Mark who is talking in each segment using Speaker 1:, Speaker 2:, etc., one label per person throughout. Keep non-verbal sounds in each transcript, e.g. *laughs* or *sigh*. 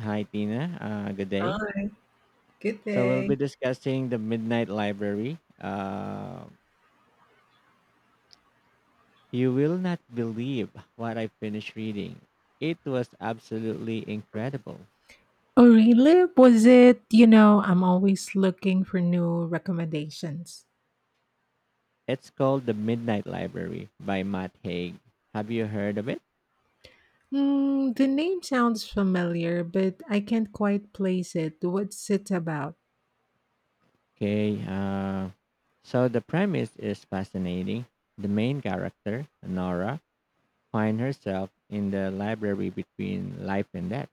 Speaker 1: Hi, Tina. Good day.
Speaker 2: Bye. Good
Speaker 1: So we'll
Speaker 2: day.
Speaker 1: be discussing the Midnight Library. You will not believe what I finished reading. It was absolutely incredible.
Speaker 2: Oh, really? Was it, I'm always looking for new recommendations.
Speaker 1: It's called The Midnight Library by Matt Haig. Have you heard of it?
Speaker 2: Hmm, the name sounds familiar, but I can't quite place it. What's it about?
Speaker 1: Okay. So the premise is fascinating. The main character, Nora, finds herself in the library between life and death.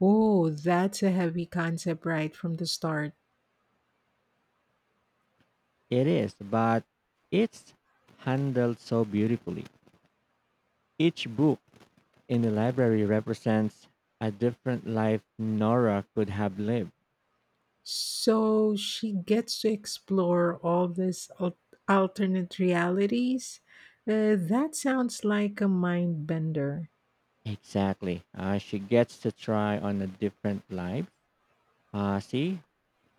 Speaker 2: Oh, that's a heavy concept right from the start.
Speaker 1: It is, but it's handled so beautifully. Each book in the library represents a different life Nora could have lived.
Speaker 2: So she gets to explore all these alternate realities. That sounds like a mind bender.
Speaker 1: Exactly. She gets to try on a different life. See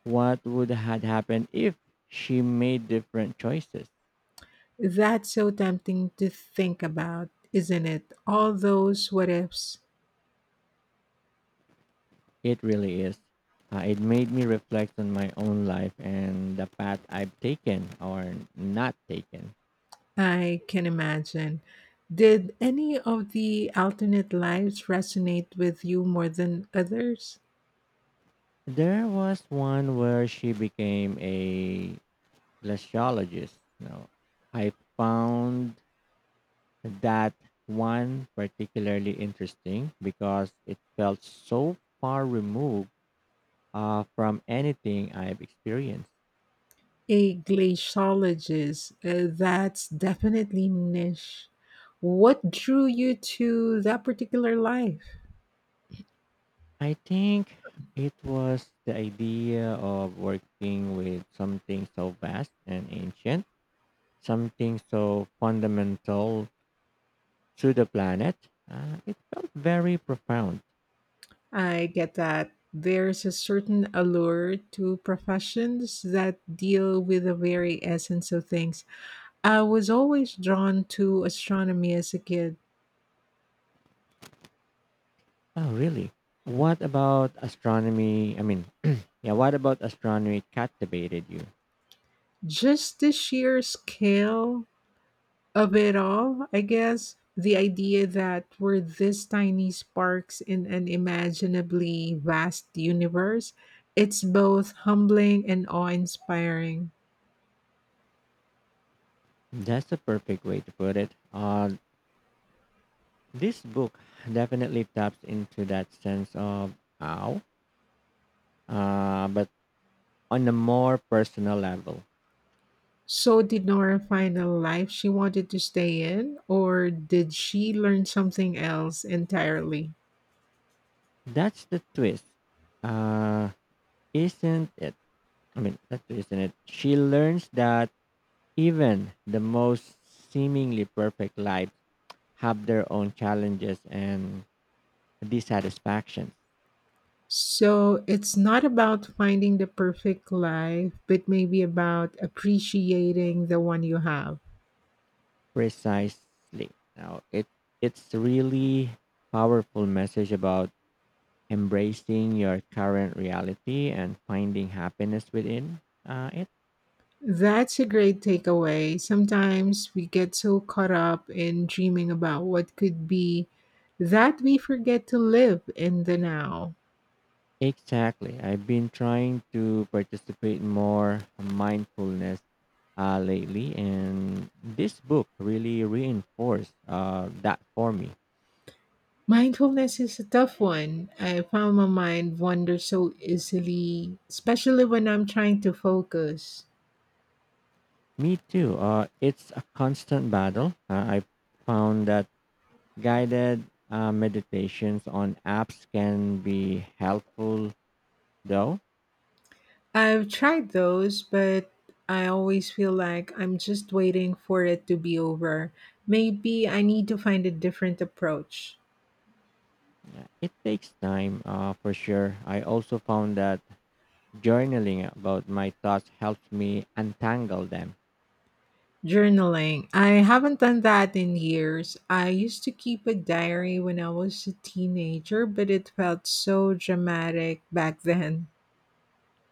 Speaker 1: what would had happened if she made different choices.
Speaker 2: That's so tempting to think about, isn't it? All those what ifs.
Speaker 1: It really is. It made me reflect on my own life and the path I've taken or not taken.
Speaker 2: I can imagine. Did any of the alternate lives resonate with you more than others?
Speaker 1: There was one where she became a glaciologist. Now, I found that one particularly interesting because it felt so far removed, from anything I've experienced.
Speaker 2: A glaciologist, that's definitely niche. What drew you to that particular life?
Speaker 1: I think it was the idea of working with something so vast and ancient, something so fundamental to the planet. It felt very profound.
Speaker 2: I get that. There's a certain allure to professions that deal with the very essence of things. I was always drawn to astronomy as a kid,
Speaker 1: Oh, really? What about astronomy? I mean, *clears throat* yeah, what about astronomy captivated you?
Speaker 2: just the sheer scale. Aware of, I guess, the idea that we're these tiny sparks in an imaginably vast universe. It's both humbling and awe inspiring.
Speaker 1: That's a perfect way to put it. This book definitely taps into that sense of how, but on a more personal level.
Speaker 2: So, did Nora find a life she wanted to stay in, or did she learn something else entirely?
Speaker 1: That's the twist, uh, isn't it? She learns that even the most seemingly perfect lives have their own challenges and dissatisfactions.
Speaker 2: So, it's not about finding the perfect life, but maybe about appreciating the one you have.
Speaker 1: Precisely. Now, it's really powerful message about embracing your current reality and finding happiness within it.
Speaker 2: That's a great takeaway. Sometimes we get so caught up in dreaming about what could be that we forget to live in the now.
Speaker 1: Exactly. I've been trying to participate more mindfulness lately, and this book really reinforced that for me.
Speaker 2: Mindfulness is a tough one. I found my mind wanders so easily, especially when I'm trying to focus.
Speaker 1: Me too. It's a constant battle. I found that guided meditations on apps can be helpful, though
Speaker 2: I've tried those, but I always feel like I'm just waiting for it to be over. Maybe I need to find a different approach.
Speaker 1: it takes time for sure. I also found that Journaling about my thoughts helps me untangle them.
Speaker 2: Journaling. I haven't done that in years. I used to keep a diary when I was a teenager, but it felt so dramatic back then.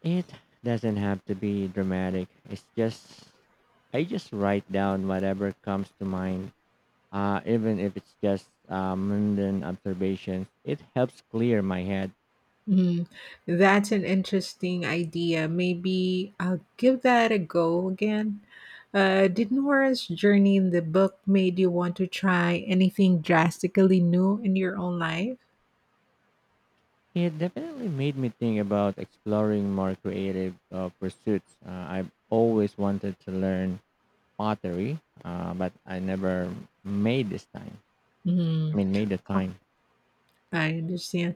Speaker 1: It doesn't have to be dramatic. It's just I just write down whatever comes to mind, even if it's just mundane observations. It helps clear my head.
Speaker 2: Mm, that's an interesting idea. Maybe I'll give that a go again. Did Nora's journey in the book made you want to try anything drastically new in your own life?
Speaker 1: It definitely made me think about exploring more creative pursuits. I've always wanted to learn pottery, but I never made this time. I
Speaker 2: Mm.
Speaker 1: mean, made the time.
Speaker 2: I understand.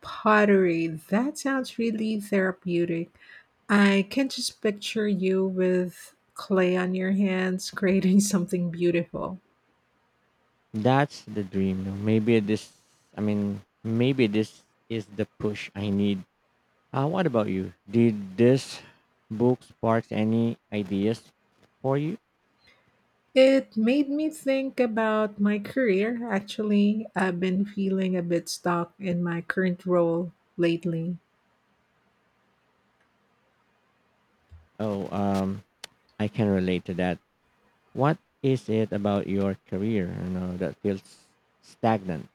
Speaker 2: Pottery, that sounds really therapeutic. I can just picture you with clay on your hands creating *laughs* something beautiful.
Speaker 1: That's the dream. No? Maybe this is the push I need. What about you? Did this book spark any ideas for you?
Speaker 2: It made me think about my career. Actually, I've been feeling a bit stuck in my current role lately.
Speaker 1: Oh, I can relate to that. What is it about your career, you know, that feels stagnant?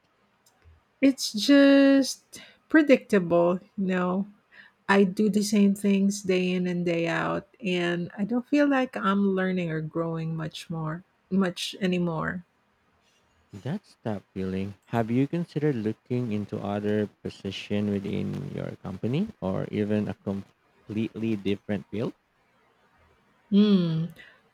Speaker 2: It's just predictable, you know. I do the same things day in and day out, and I don't feel like I'm learning or growing much anymore.
Speaker 1: That's that feeling. Have you considered looking into other position within your company or even a completely different field?
Speaker 2: Hmm.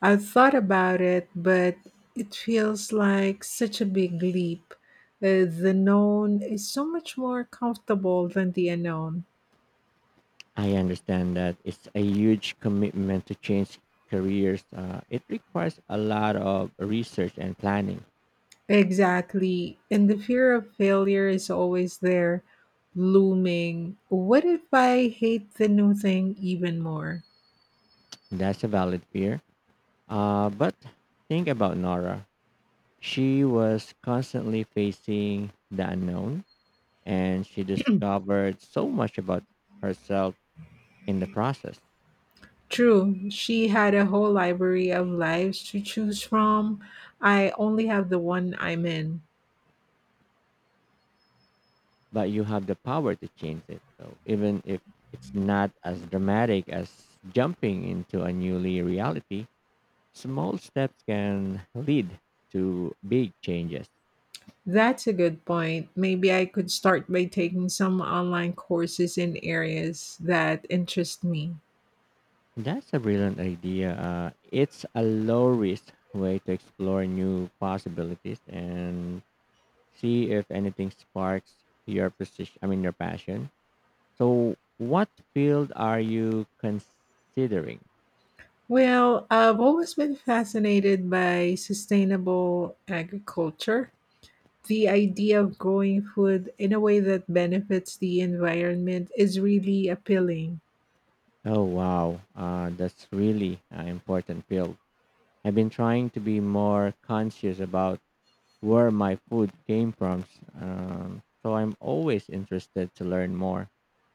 Speaker 2: I've thought about it, but it feels like such a big leap. The known is so much more comfortable than the unknown.
Speaker 1: I understand that it's a huge commitment to change careers. It requires a lot of research and planning.
Speaker 2: Exactly. And the fear of failure is always there, looming. What if I hate the new thing even more?
Speaker 1: That's a valid fear. But think about Nora. She was constantly facing the unknown and she discovered so much about herself in the process.
Speaker 2: True, she had a whole library of lives to choose from. I only have the one I'm in.
Speaker 1: But you have the power to change it. So even if it's not as dramatic as jumping into a newly reality, small steps can lead to big changes.
Speaker 2: That's a good point. Maybe I could start by taking some online courses in areas that interest me.
Speaker 1: That's a brilliant idea. It's a low risk way to explore new possibilities and see if anything sparks your your passion. So, what field are you considering?
Speaker 2: Well, I've always been fascinated by sustainable agriculture, the idea of growing food in a way that benefits the environment is really appealing.
Speaker 1: Oh wow, that's really an important field. I've been trying to be more conscious about where my food came from. So I'm always interested to learn more.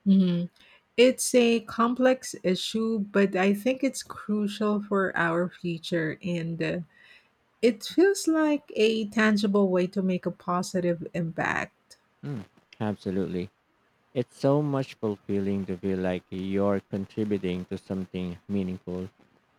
Speaker 2: Mhm. It's a complex issue, but I think it's crucial for our future. And it feels like a tangible way to make a positive impact.
Speaker 1: Mm, absolutely. It's so much fulfilling to feel like you're contributing to something meaningful.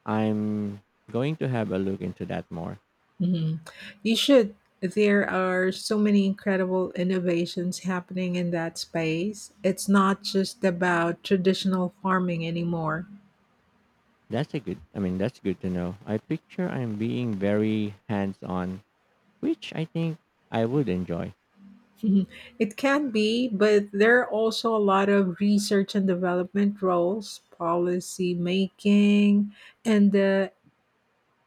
Speaker 1: I'm going to have a look into that more.
Speaker 2: Mhm. You should. There are so many incredible innovations happening in that space. It's not just about traditional farming anymore.
Speaker 1: That's good to know. I picture I'm being very hands on, which I think I would enjoy.
Speaker 2: Mhm. It can be, but there are also a lot of research and development roles, policy making, and the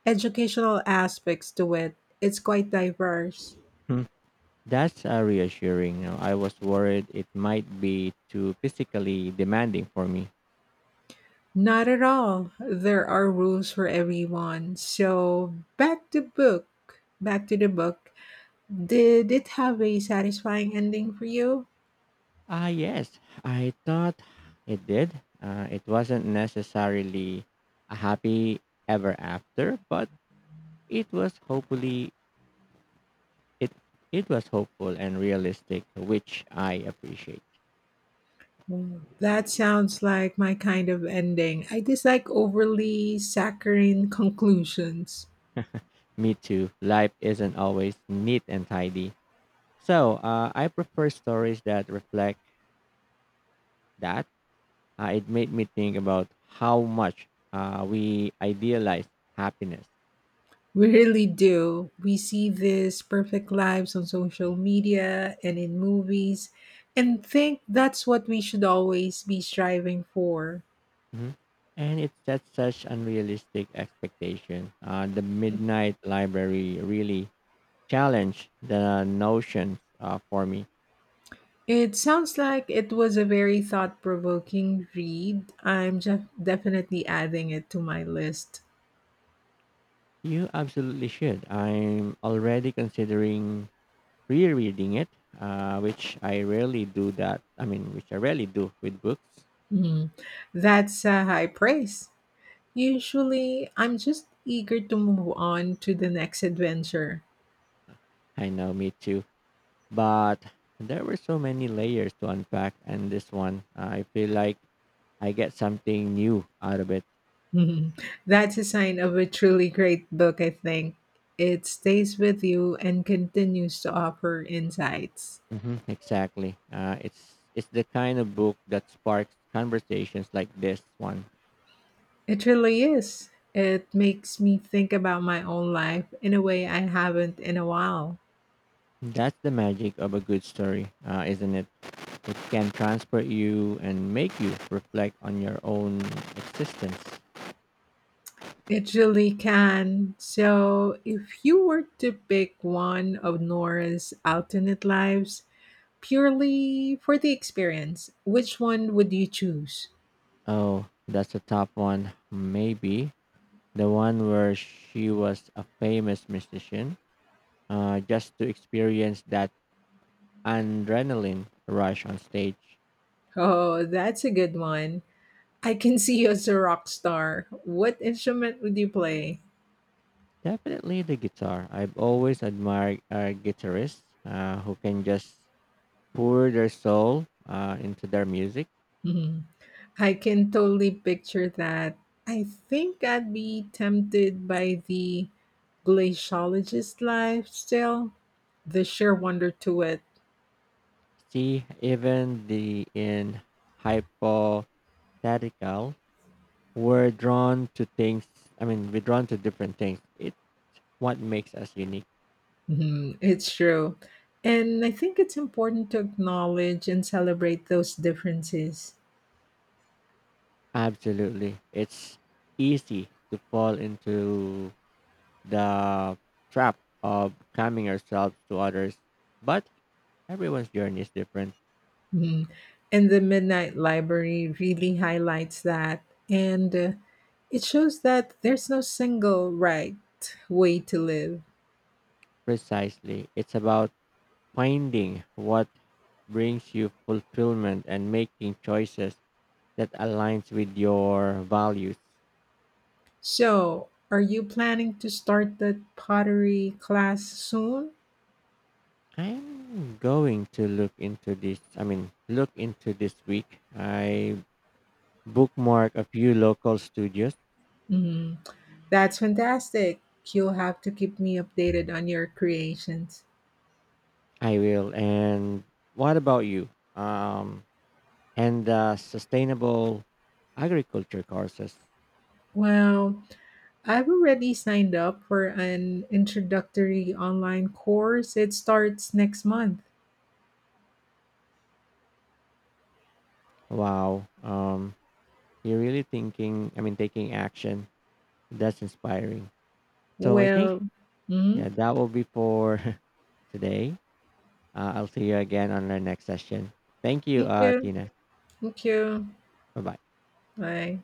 Speaker 2: educational aspects to it. It's quite diverse.
Speaker 1: Hmm. That's reassuring. You know, I was worried it might be too physically demanding for me.
Speaker 2: Not at all. There are rules for everyone. Back to the book. Did it have a satisfying ending for you?
Speaker 1: Ah, yes. I thought it did. It wasn't necessarily a happy ever after, but it was hopefully it it was hopeful and realistic, which I appreciate.
Speaker 2: Mm, that sounds like my kind of ending. I dislike overly saccharine conclusions.
Speaker 1: Me too. Life isn't always neat and tidy, so I prefer stories that reflect that. It made me think about how much we idealize happiness.
Speaker 2: We really do. We see these perfect lives on social media and in movies, and think that's what we should always be striving for.
Speaker 1: Mhm. And it sets such unrealistic expectation. The Midnight Library really challenged the notions for me.
Speaker 2: It sounds like it was a very thought provoking read. I'm just definitely adding it to my list.
Speaker 1: You absolutely should. I'm already considering rereading it, which I rarely do that. I mean, which I rarely do with books.
Speaker 2: Mhm. That's a high praise. Usually, I'm just eager to move on to the next adventure.
Speaker 1: I know, me too. But there were so many layers to unpack, and this one, I feel like I get something new out of it.
Speaker 2: *laughs* Mhm. That's a sign of a truly great book, I think. It stays with you and continues to offer insights.
Speaker 1: Hmm, exactly. It's the kind of book that sparks conversations like this one.
Speaker 2: It really is. It makes me think about my own life in a way I haven't in a while.
Speaker 1: That's the magic of a good story, isn't it? It can transport you and make you reflect on your own existence.
Speaker 2: It really can. So, if you were to pick one of Nora's alternate lives purely for the experience, which one would you choose?
Speaker 1: Oh, that's a top one. Maybe the one where she was a famous musician, just to experience that adrenaline rush on stage.
Speaker 2: Oh, that's a good one. I can see you as a rock star. What instrument would you play?
Speaker 1: Definitely the guitar. I've always admired guitarists who can just pour their soul into their music.
Speaker 2: Mhm. I can totally picture that. I think I'd be tempted by the glaciologist lifestyle, the sheer wonder to it.
Speaker 1: See, even the in hypothetical, we're drawn to things. we're drawn to different things. It's what makes us unique.
Speaker 2: Mhm, it's true. And I think it's important to acknowledge and celebrate those differences.
Speaker 1: Absolutely, it's easy to fall into the trap of comparing ourselves to others, but everyone's journey is different.
Speaker 2: Mhm. And the Midnight Library really highlights that. And it shows that there's no single right way to live.
Speaker 1: Precisely. It's about finding what brings you fulfillment and making choices that aligns with your values.
Speaker 2: So, are you planning to start the pottery class soon?
Speaker 1: I'm going to look into this. I mean, look into this week. I bookmark a few local studios.
Speaker 2: Mhm. That's fantastic. You'll have to keep me updated on your creations.
Speaker 1: I will. And what about you? Um, and sustainable agriculture courses.
Speaker 2: Well, I've already signed up for an introductory online course. It starts next month.
Speaker 1: Wow. Um, you're really taking action. That's inspiring. So I think
Speaker 2: Well, mhm,
Speaker 1: yeah, that will be for *laughs* today. I'll see you again on our next session. Thank you,
Speaker 2: thank you.
Speaker 1: Tina.
Speaker 2: Thank you.
Speaker 1: Bye bye.
Speaker 2: Bye.